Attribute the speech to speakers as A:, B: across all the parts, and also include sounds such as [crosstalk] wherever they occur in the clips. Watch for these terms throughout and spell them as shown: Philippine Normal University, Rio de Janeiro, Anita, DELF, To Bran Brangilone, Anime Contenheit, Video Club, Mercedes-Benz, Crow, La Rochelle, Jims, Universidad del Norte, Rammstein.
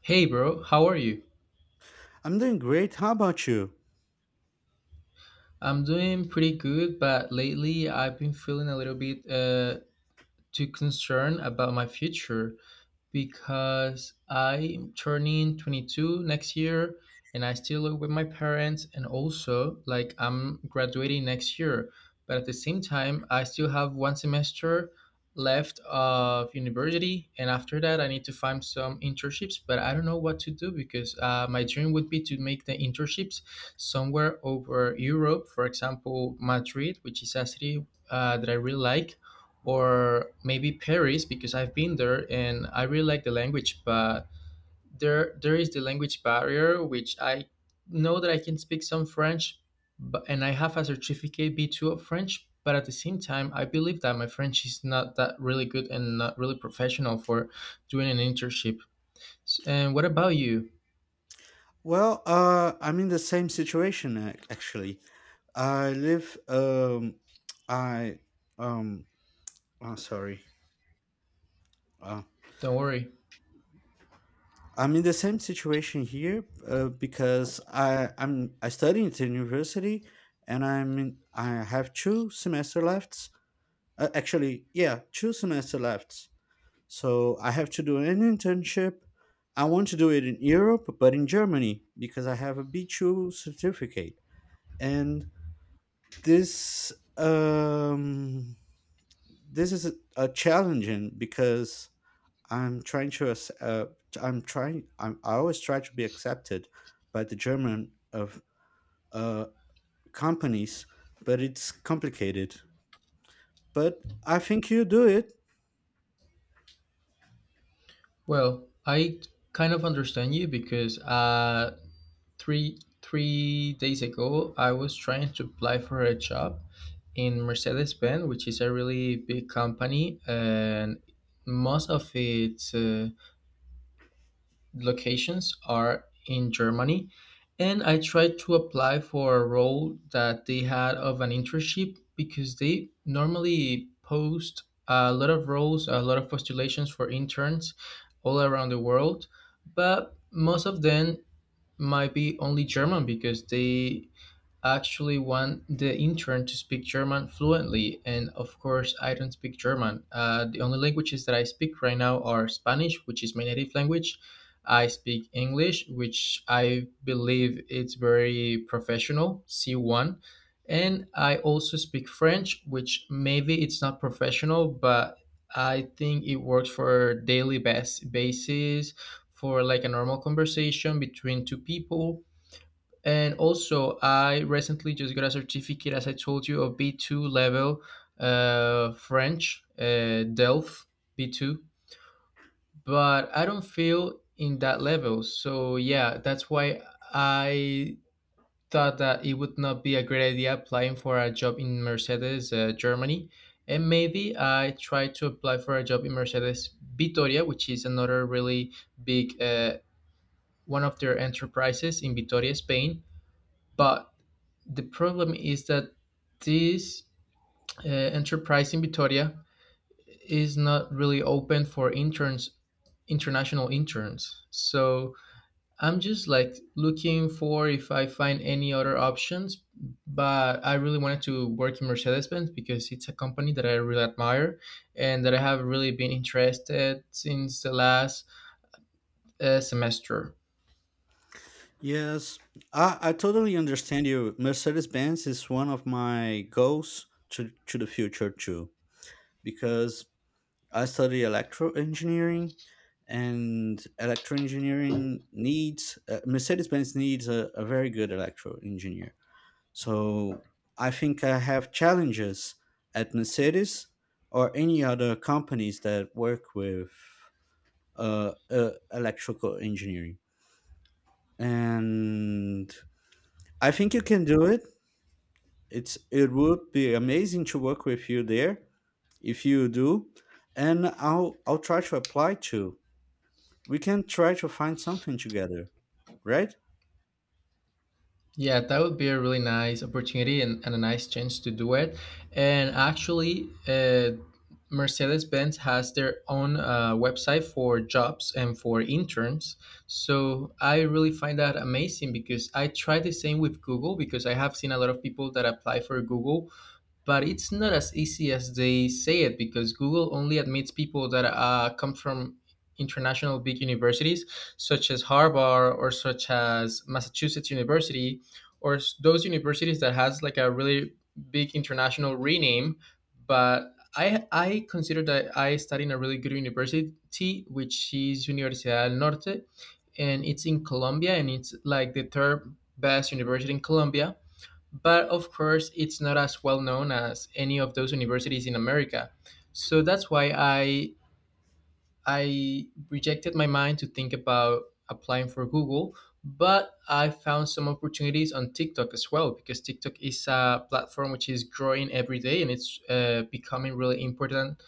A: Hey bro, how are you?
B: I'm doing great. How about you?
A: I'm doing pretty good, but lately I've been feeling a little bit too concerned about my future, because I'm turning 22 next year and I still live with my parents, and also like I'm graduating next year. But at the same time, I still have one semester left of university, and after that I need to find some internships, but I don't know what to do because my dream would be to make the internships somewhere over Europe, for example, Madrid, which is a city that I really like, or maybe Paris because I've been there and I really like the language. But there is the language barrier, which I know that I can speak some French, but, and I have a certificate B2 of French, but at the same time I believe that my French is not that really good and not really professional for doing an internship. And what about you?
B: Well, I'm in the same situation actually. I live. I um. Oh, sorry. Uh,
A: Don't worry.
B: I'm in the same situation here, because I study at the university, and I have two semester left. Actually, yeah, two semester left. So I have to do an internship. I want to do it in Europe, but in Germany because I have a B2 certificate. And this um this is a challenging because i'm trying to ac- uh, I always try to be accepted by the German of uh companies. But it's complicated, but I think you do it.
A: Well, I kind of understand you because three days ago I was trying to apply for a job in Mercedes-Benz, which is a really big company, and most of its locations are in Germany. And I tried to apply for a role that they had of an internship because they normally post a lot of roles, a lot of postulations for interns all around the world, but most of them might be only German because they actually want the intern to speak German fluently. And of course, I don't speak German. The only languages that I speak right now are Spanish, which is my native language. I speak English, which I believe it's very professional, C1. And I also speak French, which maybe it's not professional, but I think it works for daily basis, for like a normal conversation between two people. And also, I recently just got a certificate, as I told you, of B2 level French, DELF B2, but I don't feel in that level. So, yeah, that's why I thought that it would not be a great idea applying for a job in Mercedes, Germany. And maybe I try to apply for a job in Mercedes Vitoria, which is another really big one of their enterprises in Vitoria, Spain. But the problem is that this enterprise in Vitoria is not really open for interns, international interns. So I'm just like looking for if I find any other options. But I really wanted to work in Mercedes Benz because it's a company that I really admire and that I have really been interested since the last semester.
B: Yes, I totally understand you. Mercedes-Benz is one of my goals to the future too, because I study electro engineering, and electro engineering needs, Mercedes Benz needs a very good electro engineer. So I think I have challenges at Mercedes or any other companies that work with, electrical engineering. And I think you can do it. It would be amazing to work with you there if you do, and I'll try to apply to. We can try to find something together, right?
A: Yeah, that would be a really nice opportunity and a nice chance to do it. And actually, Mercedes Benz has their own website for jobs and for interns. So I really find that amazing because I try the same with Google, because I have seen a lot of people that apply for Google, but it's not as easy as they say it because Google only admits people that come from international big universities, such as Harvard or such as Massachusetts University, or those universities that has like a really big international rename. But I consider that I study in a really good university, which is Universidad del Norte, and it's in Colombia, and it's like the third best university in Colombia, but of course it's not as well known as any of those universities in America. So that's why I rejected my mind to think about applying for Google, but I found some opportunities on TikTok as well, because TikTok is a platform which is growing every day and it's becoming really important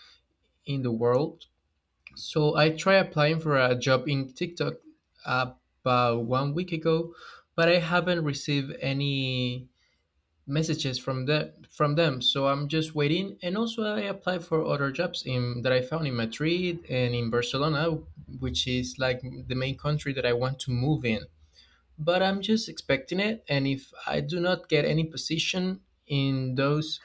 A: in the world. So I tried applying for a job in TikTok about one week ago, but I haven't received any messages from the from them. So I'm just waiting. And also I apply for other jobs in that I found in Madrid and in Barcelona, which is like the main country that I want to move in. But I'm just expecting it, and if I do not get any position in those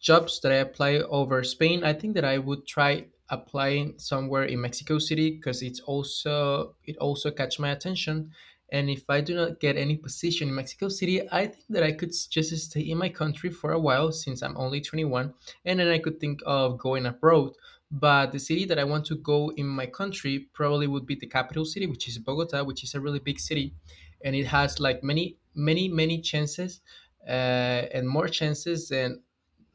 A: jobs that I apply over Spain, I think that I would try applying somewhere in Mexico City, because it's also, it also catch my attention. And if I do not get any position in Mexico City, I think that I could just stay in my country for a while since I'm only 21, and then I could think of going abroad. But the city that I want to go in my country probably would be the capital city, which is Bogota, which is a really big city, and it has like many, many, many chances, uh, and more chances than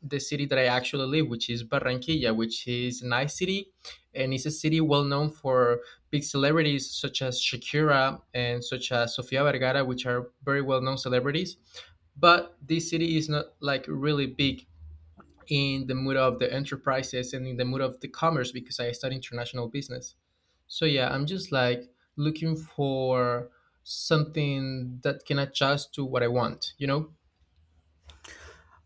A: the city that I actually live, which is Barranquilla, which is a nice city, and it's a city well known for big celebrities such as Shakira and such as Sofia Vergara, which are very well known celebrities. But this city is not like really big in the mood of the enterprises and in the mood of the commerce, because I study international business. So yeah, I'm just like looking for something that can adjust to what I want, you know?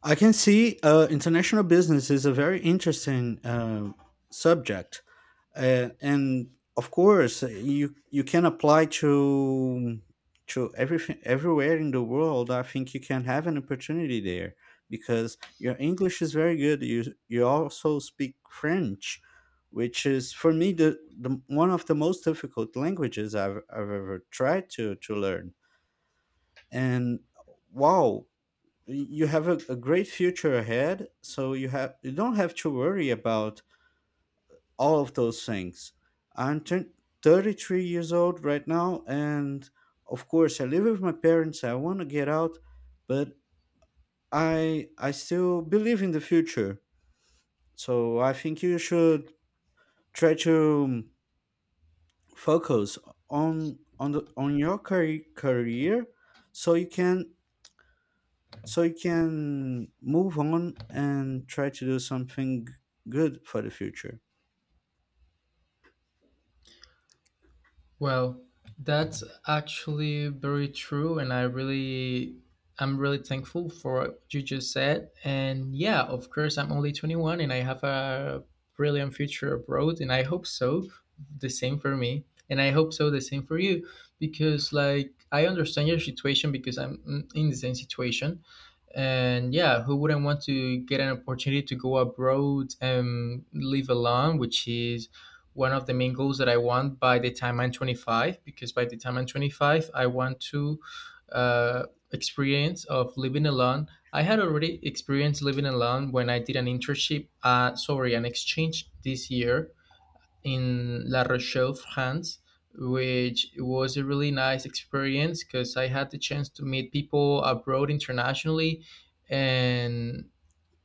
B: I can see, international business is a very interesting, subject, and of course, you can apply to everything everywhere in the world. I think you can have an opportunity there because your English is very good. You also speak French, which is for me the one of the most difficult languages I've ever tried to learn. And wow, you have a great future ahead. So you don't have to worry about all of those things. I'm turn 33 years old right now. And of course, I live with my parents. I want to get out, but I still believe in the future. So I think you should try to, focus on your career, so you can move on and try to do something good for the future.
A: Well, that's actually very true, and I really, I'm really thankful for what you just said. And yeah, of course, I'm only 21, and I have a brilliant future abroad, and I hope so. The same for me, and I hope so. The same for you, because like I understand your situation because I'm in the same situation. And yeah, who wouldn't want to get an opportunity to go abroad and live alone, which is one of the main goals that I want by the time I'm 25, because by the time I'm 25, I want to uh, experience of living alone. I had already experienced living alone when I did an internship, sorry, an exchange this year in La Rochelle, France, which was a really nice experience because I had the chance to meet people abroad internationally, and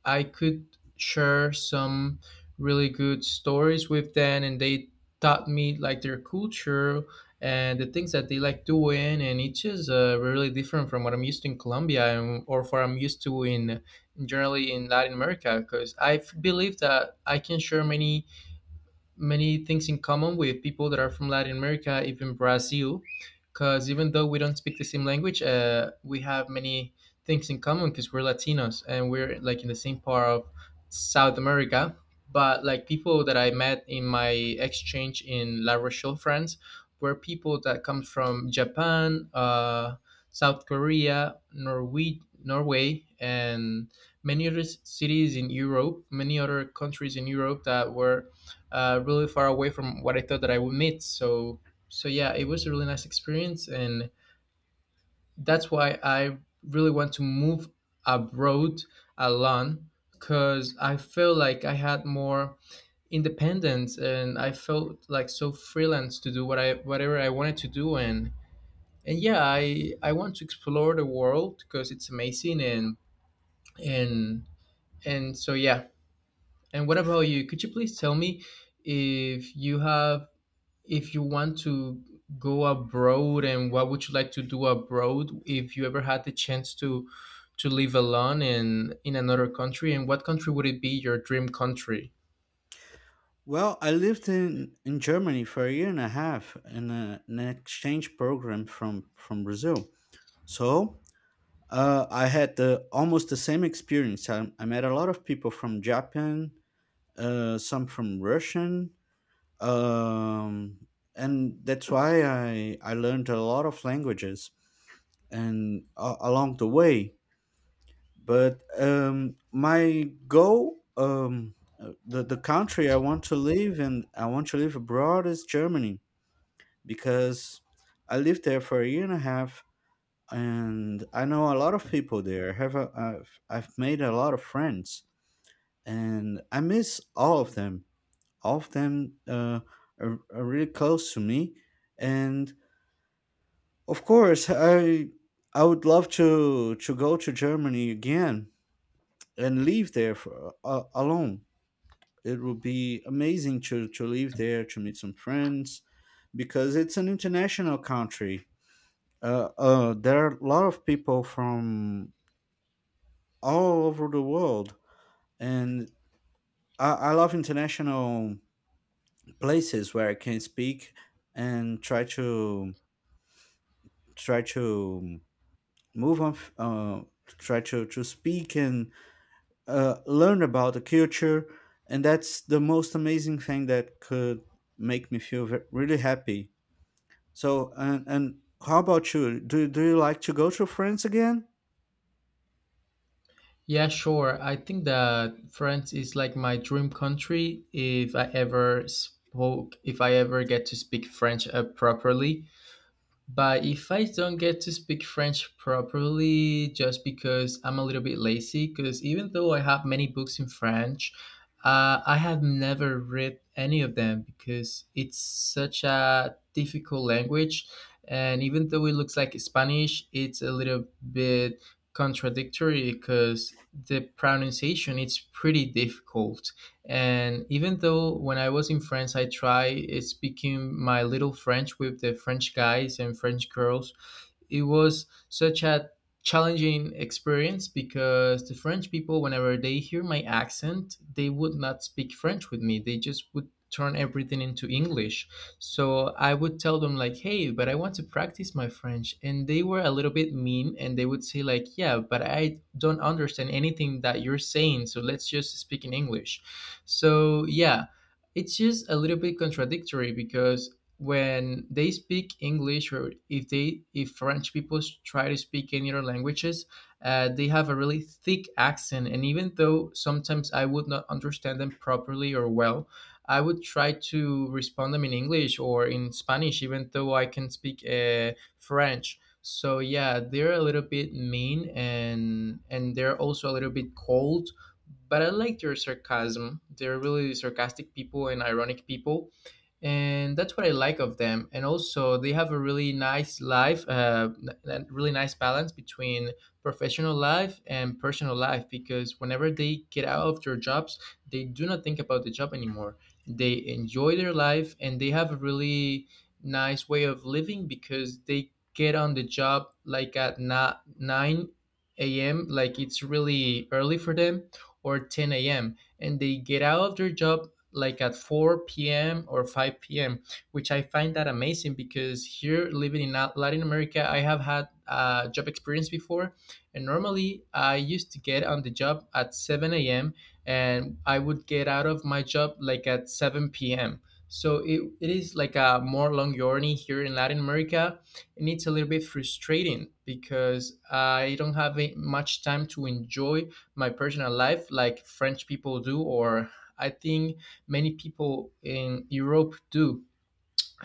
A: I could share some really good stories with them, and they taught me like their culture and the things that they like doing, and it's just really different from what I'm used to in Colombia and, or what I'm used to in generally in Latin America. Because believe that I can share many many things in common with people that are from Latin America, even Brazil, because even though we don't speak the same language, we have many things in common because we're Latinos and we're like in the same part of South America. But like people that I met in my exchange in La Rochelle, France, were people that come from Japan, South Korea, Norway, Norway, and many other cities in Europe, many other countries in Europe, that were really far away from what I thought that I would meet. So so yeah, it was a really nice experience, and that's why I really want to move abroad alone, because I feel like I had more independence and I felt like so freelance to do whatever I wanted to do. And yeah, I want to explore the world because it's amazing, and and so yeah, and what about you? Could you please tell me if you have, if you want to go abroad, and what would you like to do abroad if you ever had the chance to live alone in another country, and what country would it be, your dream country?
B: Well, I lived in Germany for a year and a half in an exchange program from Brazil. So, I had almost the same experience. I met a lot of people from Japan, some from Russian, um, and that's why I learned a lot of languages, and, along the way. But my goal, the country I want to live and I want to live abroad is Germany. Because I lived there for a year and a half, and I know a lot of people there. I've made a lot of friends, and I miss all of them. All of them, are really close to me. And of course, I would love to go to Germany again, and live there alone. It will be amazing to live there, to meet some friends, because it's an international country. There are a lot of people from all over the world, and I love international places where I can speak and try to move on, try to speak and, learn about the culture. And that's the most amazing thing that could make me feel really happy. So, and how about you? Do you like to go to France again?
A: Yeah, sure. I think that France is like my dream country, if I ever get to speak French properly. But if I don't get to speak French properly, just because I'm a little bit lazy, because even though I have many books in French, I have never read any of them because it's such a difficult language. And even though it looks like Spanish, it's a little bit contradictory because the pronunciation it's pretty difficult. And even though when I was in France, I tried speaking my little French with the French guys and French girls, it was such a challenging experience because the French people, whenever they hear my accent, they would not speak French with me. They just would turn everything into English. So I would tell them like, "Hey, but I want to practice my French," and they were a little bit mean, and they would say like, "Yeah, but I don't understand anything that you're saying, so let's just speak in English." So yeah. It's just a little bit contradictory because when they speak English or if they if French people try to speak any other languages, they have a really thick accent, and even though sometimes I would not understand them properly or well, I would try to respond them in English or in Spanish, even though I can speak French. So yeah, they're a little bit mean and they're also a little bit cold, but I like their sarcasm. They're really sarcastic people and ironic people, and that's what I like of them. And also, they have a really nice life, really nice balance between professional life and personal life. Because whenever they get out of their jobs, they do not think about the job anymore. They enjoy their life, and they have a really nice way of living because they get on the job like at nine a.m. Like it's really early for them, or ten a.m., and they get out of their job like at 4 p.m. or 5 p.m., which I find that amazing because here living in Latin America, I have had job experience before. And normally I used to get on the job at 7 a.m. and I would get out of my job like at 7 p.m. So it is like a more long journey here in Latin America, and it's a little bit frustrating because I don't have much time to enjoy my personal life like French people do, or I think many people in Europe do.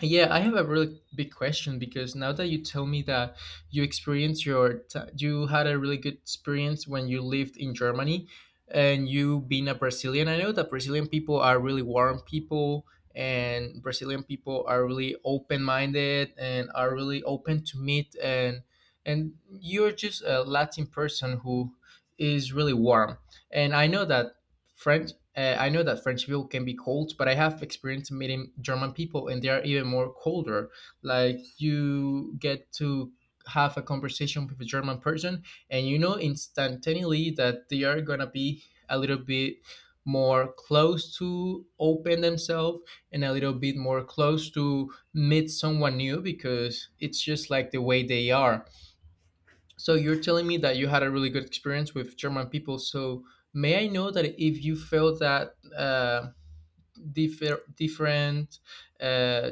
A: Yeah, I have a really big question because now that you tell me that you experienced you had a really good experience when you lived in Germany, and you being a Brazilian, I know that Brazilian people are really warm people, and Brazilian people are really open-minded and are really open to meet, and you're just a Latin person who is really warm. And I know that French. I know that French people can be cold, but I have experience meeting German people, and they are even more colder. Like you get to have a conversation with a German person, and you know instantaneously that they are gonna be a little bit more close to open themselves and a little bit more close to meet someone new because it's just like the way they are. So you're telling me that you had a really good experience with German people. So may I know that if you felt that different uh,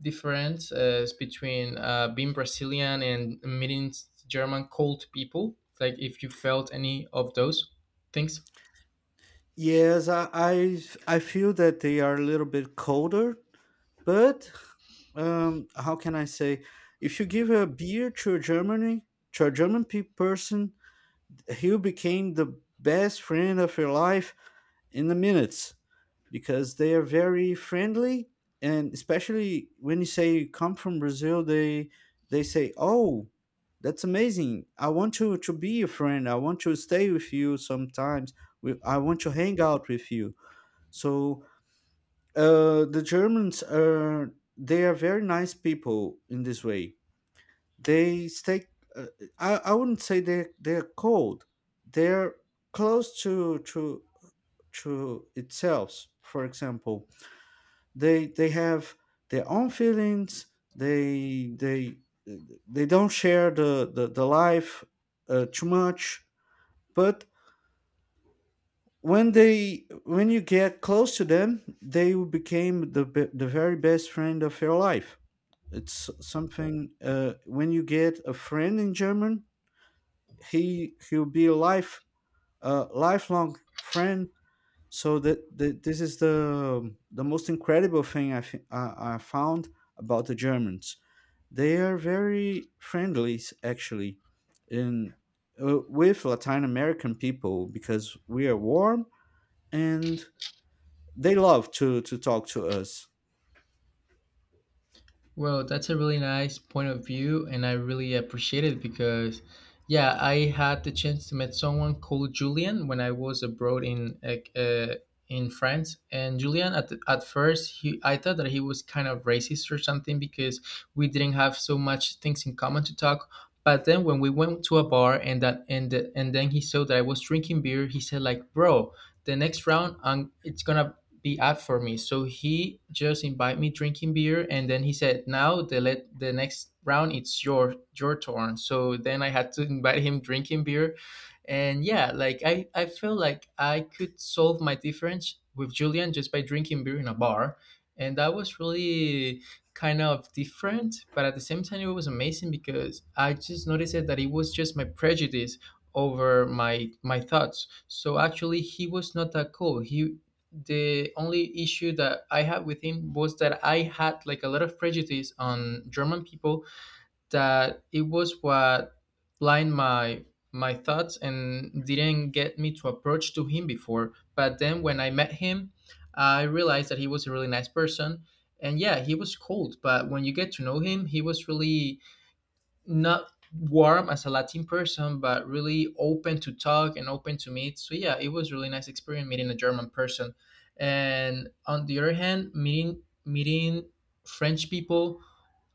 A: difference between being Brazilian and meeting German cold people, like if you felt any of those things?
B: Yes, I feel that they are a little bit colder. But, how can I say? If you give a beer to a Germany, to a German person, he'll become the best friend of your life, in the minutes, because they are very friendly. And especially when you say you come from Brazil, they say, "Oh, that's amazing! I want you to be your friend. I want to stay with you sometimes. I want to hang out with you." So, they are very nice people in this way. They stay, uh, I wouldn't say they're cold. They're close to itself, for example. They have their own feelings. They they they don't share the life, too much. But when you get close to them, they will become the very best friend of your life. It's something, when you get a friend in German, he'll be a lifelong friend. So that, that this is the most incredible thing I, thi- I found about the Germans. They are very friendly, actually, in with Latin American people, because we are warm, and they love to talk to us.
A: Well, that's a really nice point of view, and I really appreciate it because, yeah, I had the chance to meet someone called Julian when I was abroad in like, in France. And Julian, at first, he I thought that he was kind of racist or something because we didn't have so much things in common to talk. But then when we went to a bar and then he saw that I was drinking beer, he said like, "Bro, the next round, it's gonna be up for me." So he just invited me drinking beer, and then he said, "Now the next round it's your turn." So then I had to invite him drinking beer, and yeah, like I feel like I could solve my difference with Julian just by drinking beer in a bar, and that was really kind of different, but at the same time it was amazing because I just noticed it that it was just my prejudice over my thoughts. So actually he was not that cool. he The only issue that I had with him was that I had like a lot of prejudice on German people, that it was what blind my thoughts and didn't get me to approach to him before. But then when I met him, I realized that he was a really nice person. And yeah, he was cold, but when you get to know him, he was really not warm as a Latin person, but really open to talk and open to meet. So yeah, it was really nice experience meeting a German person. And on the other hand, meeting French people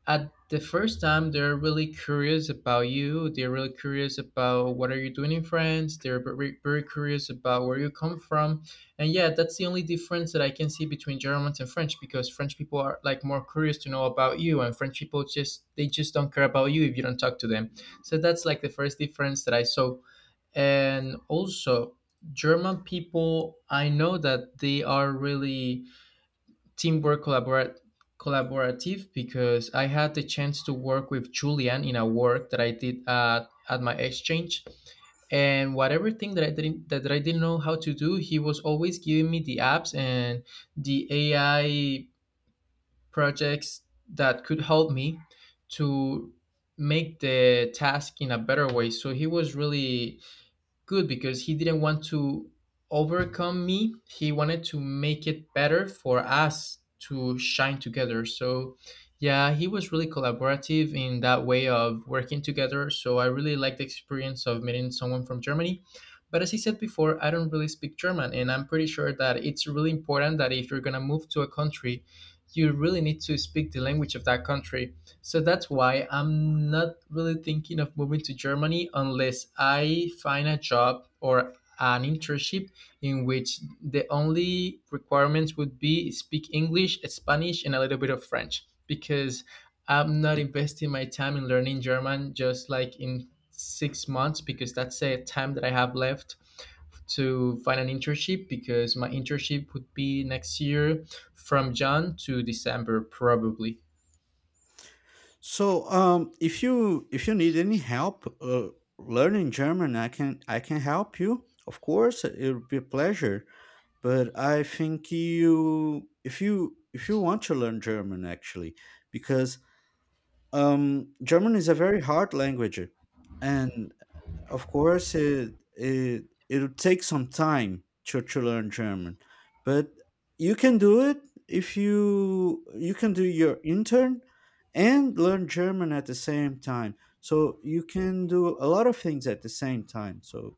A: at the first time, they're really curious about you, they're really curious about what are you doing in France, they're very, very curious about where you come from. And yeah, that's the only difference that I can see between Germans and French, because French people are like more curious to know about you, and French people just they just don't care about you if you don't talk to them. So that's like the first difference that I saw. And also, German people, I know that they are really teamwork collaborative because I had the chance to work with Julian in a work that I did at my exchange. And whatever thing that I didn't that, that I didn't know how to do, he was always giving me the apps and the AI projects that could help me to make the task in a better way. So he was really good because he didn't want to overcome me. He wanted to make it better for us to shine together. So, yeah, he was really collaborative in that way of working together. So, I really liked the experience of meeting someone from Germany. But as I said before, I don't really speak German, and I'm pretty sure that it's really important that if you're gonna move to a country, you really need to speak the language of that country. So that's why I'm not really thinking of moving to Germany unless I find a job or an internship in which the only requirements would be speak English, Spanish, and a little bit of French, because I'm not investing my time in learning German just like in 6 months because that's the time that I have left to find an internship, because my internship would be next year from June to December probably.
B: So, if you need any help, learning German, I can help you. Of course, it would be a pleasure. But I think, you if you if you want to learn German actually, because, German is a very hard language. And of course, it'll take some time to learn German. But you can do it if you can do your intern and learn German at the same time, so you can do a lot of things at the same time. So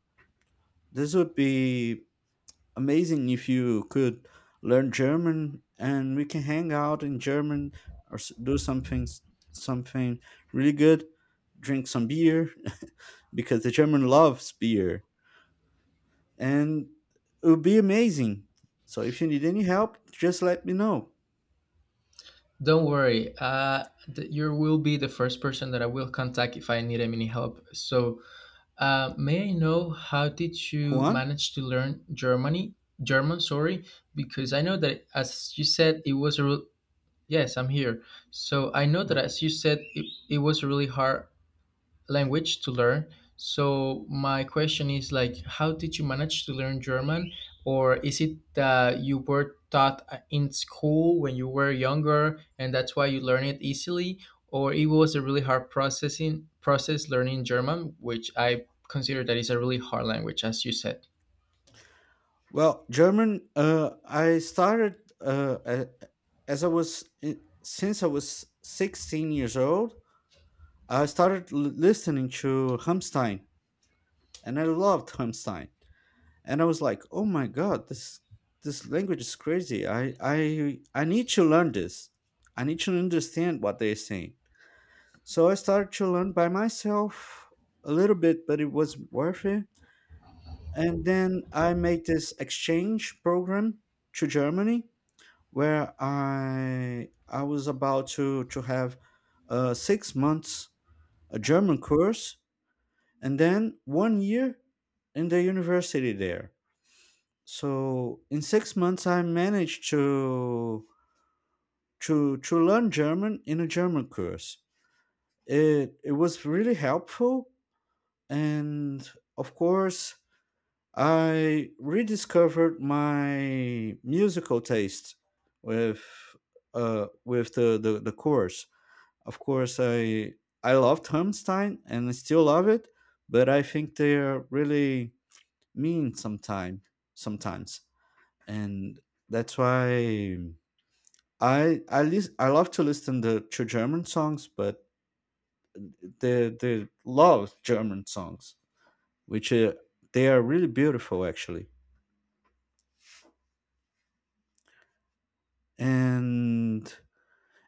B: this would be amazing if you could learn German, and we can hang out in German, do something really good, drink some beer [laughs] because the German loves beer, and it would be amazing. So if you need any help, just let me know.
A: Don't worry. You will be the first person that I will contact if I need any help. So, may I know how did you
B: Juan?
A: manage to learn Germany? German, sorry, because I know that as you said, it was a real. Yes, I'm here. So I know that
B: Well,
A: as you said, it was a really hard language to learn. So my question is like, how did you manage to learn German, or is it that you were taught in school when you were younger, and that's why you learn it easily, or it was a really hard process learning German, which I consider that is a really hard language, as you said.
B: Well, German, I started, as I was in, since I was 16 years old. I started listening to Rammstein. And I loved Hamstein. And I was like, oh my god, this language is crazy. I need to learn this. I need to understand what they're saying. So I started to learn by myself a little bit, but it was worth it. And then I made this exchange program to Germany, where I was about to have, 6 months a German course, and then one year in the university there. So in 6 months, I managed to learn German in a German course. It was really helpful, and of course, I rediscovered my musical taste with, with the course. Of course, I loved Hammerstein, and I still love it. But I think they're really mean sometimes, and that's why. I love to listen to German songs, but they love German songs, which, they are really beautiful, actually. And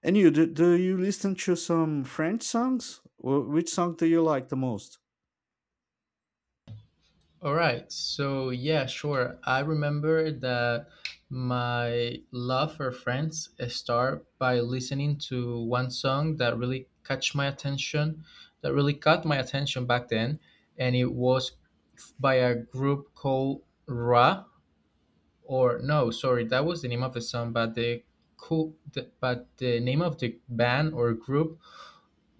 B: and do you listen to some French songs? Which song do you like the most?
A: All right. So yeah, sure. I remember that my love for Friends started by listening to one song that really catch my attention, that really caught my attention back then, and it was by a group called Ra. Or no, sorry, that was the name of the song, but the name of the band or group,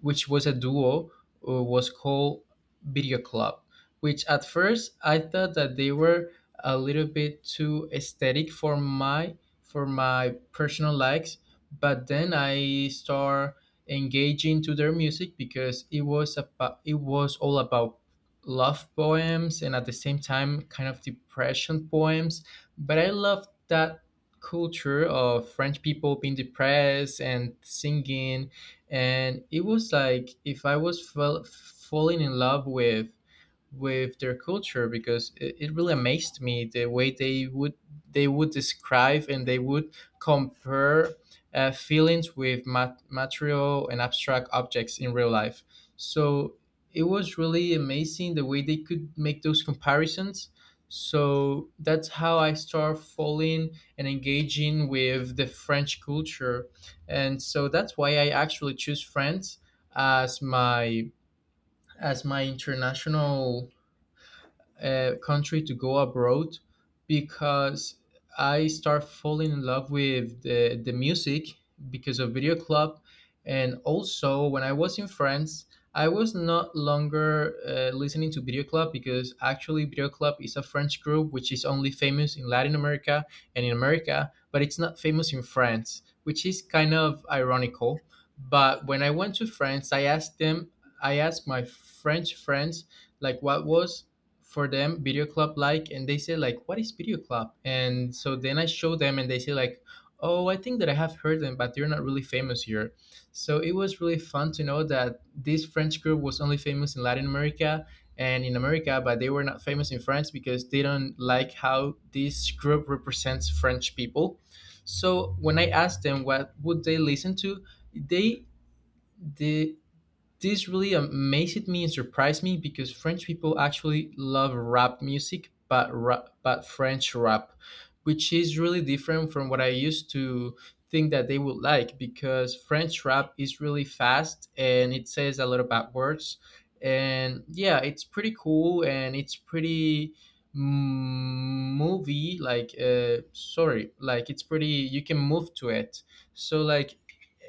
A: which was a duo, was called Video Club, which at first I thought that they were a little bit too aesthetic for my personal likes, but then I start engaging to their music because it was all about love poems and at the same time kind of depression poems. But I love that culture of French people being depressed and singing, and it was like if I was falling in love with their culture because it really amazed me the way they would describe and they would compare feelings with material and abstract objects in real life. So it was really amazing the way they could make those comparisons. So that's how I start falling and engaging with the French culture, and so that's why I actually choose France as my as my international country to go abroad, because I start falling in love with the music because of Video Club. And also, when I was in France, I was not longer listening to Video Club because actually Video Club is a French group which is only famous in Latin America and in America, but it's not famous in France, which is kind of ironical. But when I went to France, I asked them, I asked my French friends, like what was for them Video Club like. And they say, like, what is Video Club? And so then I show them and they say, like, oh, I think that I have heard them, but they're not really famous here. So it was really fun to know that this French group was only famous in Latin America and in America, but they were not famous in France because they don't like how this group represents French people. So when I asked them what would they listen to, they they this really amazed me and surprised me because French people actually love rap music, but rap, but French rap, which is really different from what I used to think that they would like because French rap is really fast and it says a lot of bad words. And yeah, it's pretty cool and it's pretty mm, movie like sorry like it's pretty, you can move to it. So like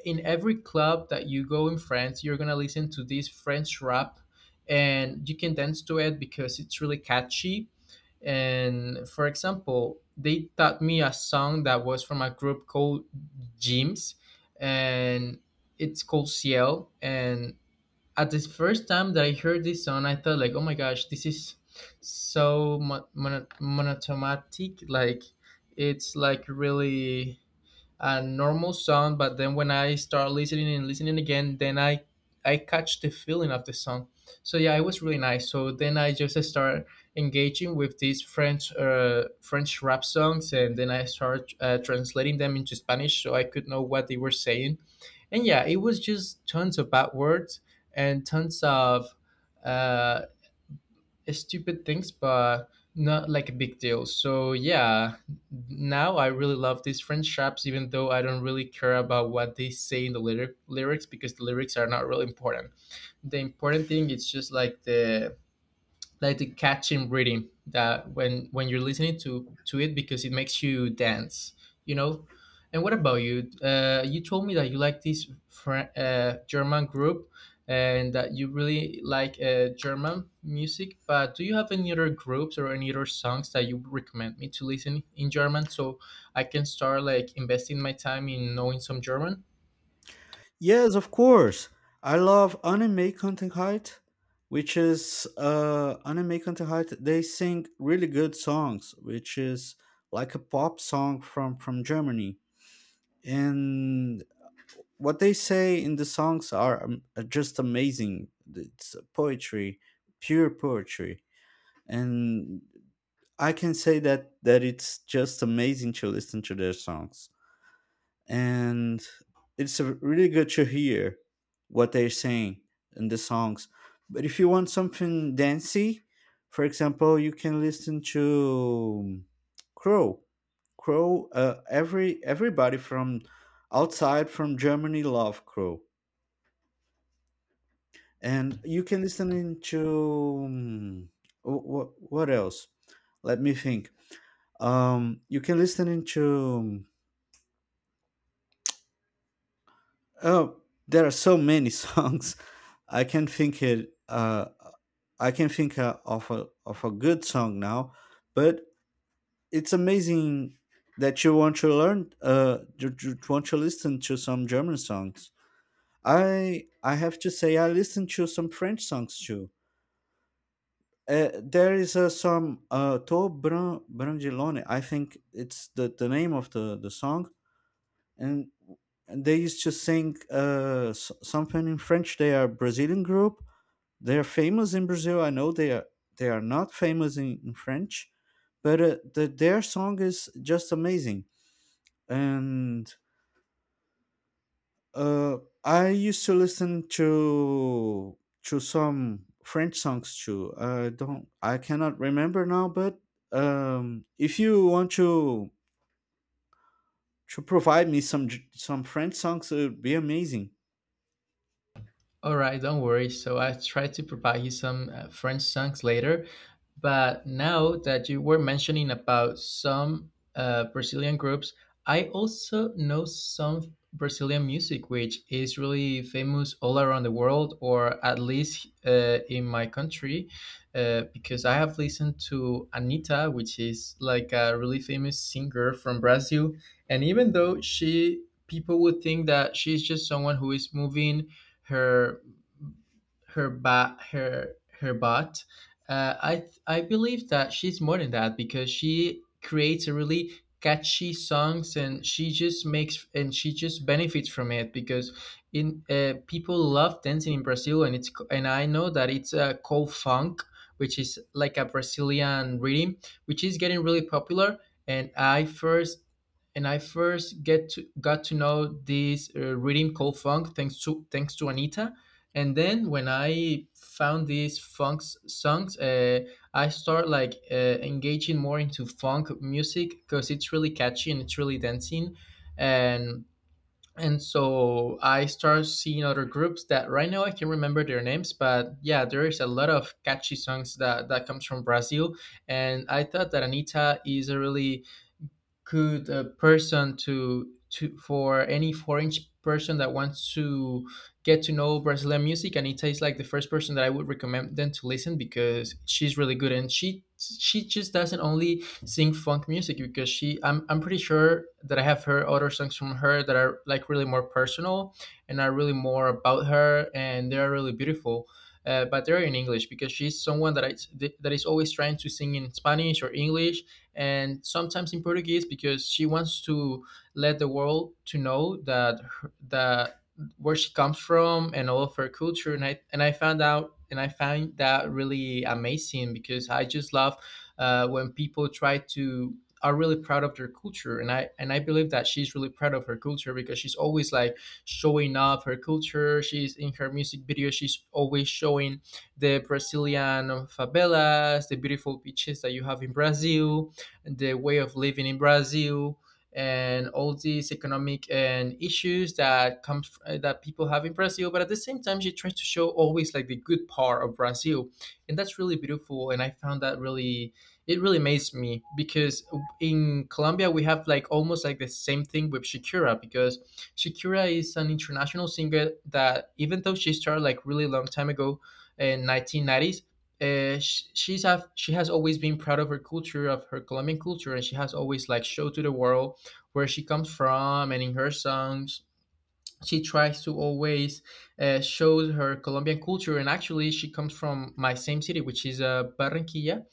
A: in every club that you go in France, you're gonna listen to this French rap, and you can dance to it because it's really catchy. And for example, they taught me a song that was from a group called Jims, and it's called Ciel. And at the first time that I heard this song, I thought, like, oh my gosh, this is so monotomatic. Like, it's like really a normal song, but then when I start listening and listening again, then I catch the feeling of the song. So yeah, it was really nice. So then I just start engaging with these French rap songs, and then I start translating them into Spanish so I could know what they were saying. And yeah, it was just tons of bad words and tons of uh, stupid things, but not like a big deal. So yeah, now I really love these French raps, even though I don't really care about what they say in the lyrics because the lyrics are not really important. The important thing is just like the catching rhythm that when you're listening to it because it makes you dance, you know. And what about you? You told me that you like this German group and that you really like German music, but do you have any other groups or any other songs that you recommend me to listen in German so I can start like investing my time in knowing some German.
B: Yes, of course. I love Anime Contenheit, which is, Anime Contenheit. They sing really good songs, which is like a pop song from Germany. And what they say in the songs are, just amazing. It's poetry, pure poetry. And I can say that it's just amazing to listen to their songs. And it's, really good to hear what they're saying in the songs. But if you want something dancey, for example, you can listen to, Crow. Crow. Everybody from outside from Germany love Crow. And you can listen to, what else, let me think. You can listen into, oh, there are so many [laughs] songs. I can think it uh i can think, of a good song now. But it's amazing that you want to learn, you want to listen to some German songs. I have to say I listen to some French songs too. There is, some, To Bran Brangilone. I think it's the name of the song. And they used to sing, something in French. They are Brazilian group. They are famous in Brazil. I know they are not famous in French. But, their song is just amazing. And, Uh, I used to listen to some French songs too. I cannot remember now. But, if you want to provide me some French songs, it would be amazing.
A: All right, don't worry. So I tried to provide you some French songs later, but now that you were mentioning about some Brazilian groups, I also know some Brazilian music, which is really famous all around the world, or at least in my country, because I have listened to Anita, which is like a really famous singer from Brazil. And even though she people would think that she's just someone who is moving her her bot, I believe that she's more than that because she creates a really catchy songs, and she just makes and she just benefits from it because in people love dancing in Brazil. And and I know that it's a called funk, which is like a Brazilian rhythm, which is getting really popular. And i first And I first get to got to know this rhythm called funk thanks to Anita. And then when I found these songs, I start like engaging more into funk music because it's really catchy and it's really dancing. and and so I start seeing other groups that right now I can remember their names, but yeah, there is a lot of catchy songs that comes from Brazil. And I thought that Anita is a really could a person to for any foreign person that wants to get to know Brazilian music. And Ita is like the first person that I would recommend them to listen because she's really good, and she just doesn't only sing funk music because she I'm pretty sure that I have heard other songs from her that are like really more personal and are really more about her, and they are really beautiful. But they're in English because she's someone that is always trying to sing in Spanish or English, and sometimes in Portuguese because she wants to let the world to know that her, that where she comes from and all of her culture. And I found out, and I find that really amazing because I just love when people try to are really proud of their culture. And I believe that she's really proud of her culture because she's always like showing off her culture. She's in her music video, she's always showing the Brazilian favelas, the beautiful beaches that you have in Brazil, the way of living in Brazil, and all these economic and issues that comes that people have in Brazil. But at the same time, she tries to show always like the good part of Brazil, and that's really beautiful. And I found that really it really amazed me because in Colombia we have like almost like the same thing with Shakira because Shakira is an international singer that even though she started like really long time ago in 1990s, she's have she has always been proud of her culture, of her Colombian culture, and she has always like showed to the world where she comes from. And in her songs she tries to always show her Colombian culture. And actually she comes from my same city, which is Barranquilla.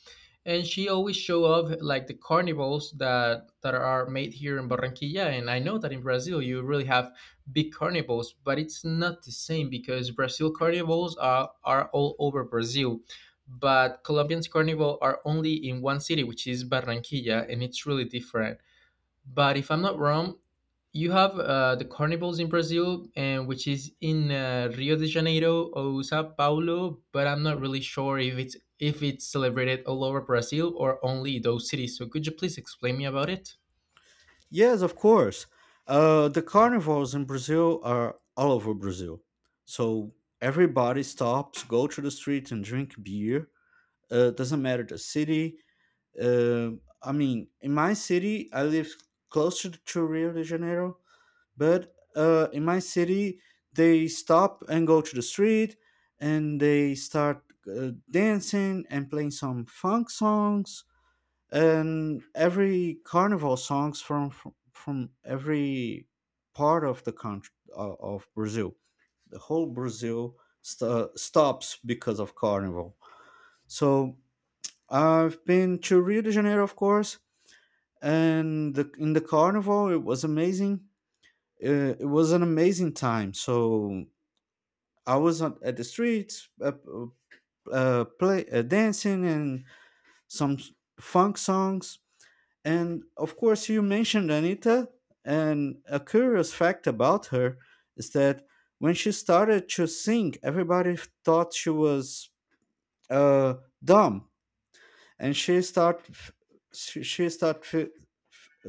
A: And she always show up like the carnivals that are made here in Barranquilla. And I know that in Brazil you really have big carnivals, but it's not the same because Brazil carnivals are all over Brazil, but Colombian's carnival are only in one city, which is Barranquilla, and it's really different. But if I'm not wrong, you have the carnivals in Brazil, and which is in Rio de Janeiro or Sao Paulo, but I'm not really sure if it's celebrated all over Brazil or only those cities. So could you please explain me about it?
B: Yes, of course. The carnivals in Brazil are all over Brazil, so everybody stops, go to the street, and drink beer. Doesn't matter the city. I mean, in my city, I live closer to Rio de Janeiro. But, in my city, they stop and go to the street, and they start, dancing and playing some funk songs, and every carnival songs from every part of the country, of Brazil. The whole Brazil stops because of carnival. So I've been to Rio de Janeiro, of course, and, in the carnival, it was amazing. It was an amazing time. So I was at the streets, play dancing and some funk songs. And of course, you mentioned Anita, and a curious fact about her is that when she started to sing, everybody thought she was, uh, dumb. And she start she started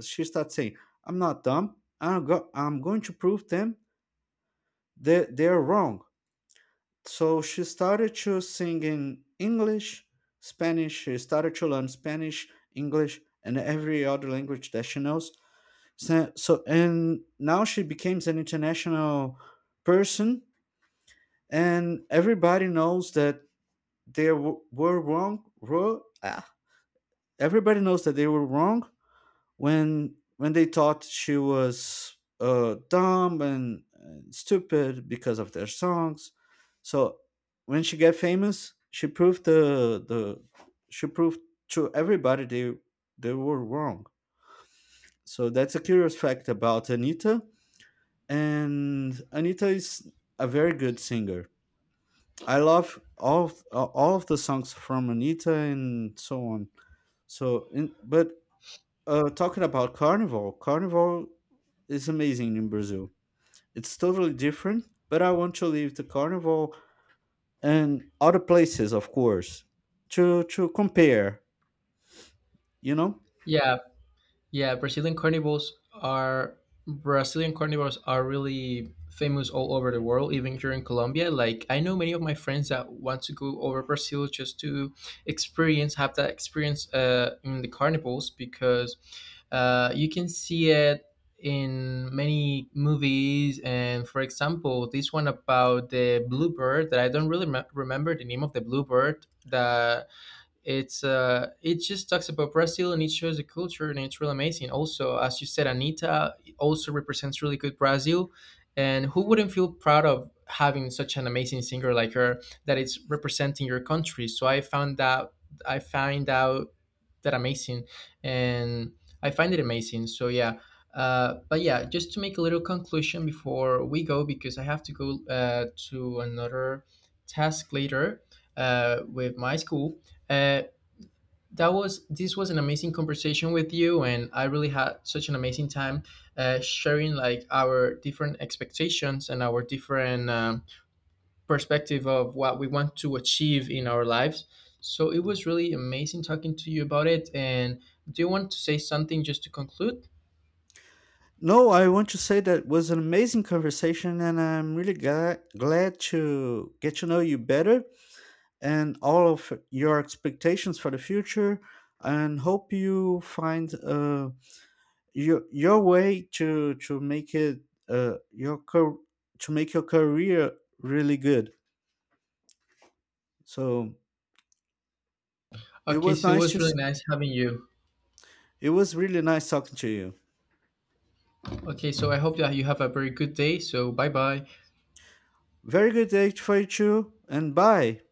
B: she starts saying, "I'm not dumb. I'm going to prove them that they're wrong." So she started to sing in English, Spanish. She started to learn Spanish, English, and every other language that she knows. So, and now she becomes an international person, and everybody knows that were wrong. Everybody knows that they were wrong, when they thought she was, dumb and stupid because of their songs. So when she got famous, she proved to everybody they were wrong. So that's a curious fact about Anita. And Anita is a very good singer. I love all of the songs from Anita and so on. So, in, but Talking about carnival, carnival is amazing in Brazil. It's totally different, but I want to leave the carnival and other places, of course, to compare. You know.
A: Yeah, Yeah, Brazilian carnivals are really famous all over the world, even here in Colombia. Like I know many of my friends that want to go over Brazil just to experience have that experience in the carnivals because you can see it in many movies. And for example, this one about the bluebird that I don't really remember the name of the bluebird, that it just talks about Brazil, and it shows the culture, and it's really amazing. Also, as you said, Anita also represents really good Brazil. And who wouldn't feel proud of having such an amazing singer like her that it's representing your country? So I found that I find out that amazing. And I find it amazing so yeah. But yeah, just to make a little conclusion before we go, because I have to go to another task later with my school, uh, that was this was an amazing conversation with you, and I really had such an amazing time sharing like our different expectations and our different perspective of what we want to achieve in our lives. So it was really amazing talking to you about it. And do you want to say something just to conclude?
B: No, I want to say that was an amazing conversation, and I'm really glad to get to know you better, and all of your expectations for the future, and hope you find a. Your way to make it, uh your car- to make your career really good. So it
A: Okay,
B: was
A: so it
B: nice
A: was
B: to
A: really
B: s-
A: nice having you.
B: it was really nice talking to you.
A: Okay, so I hope that you have a very good day. So bye bye.
B: Very good day for you too, and bye.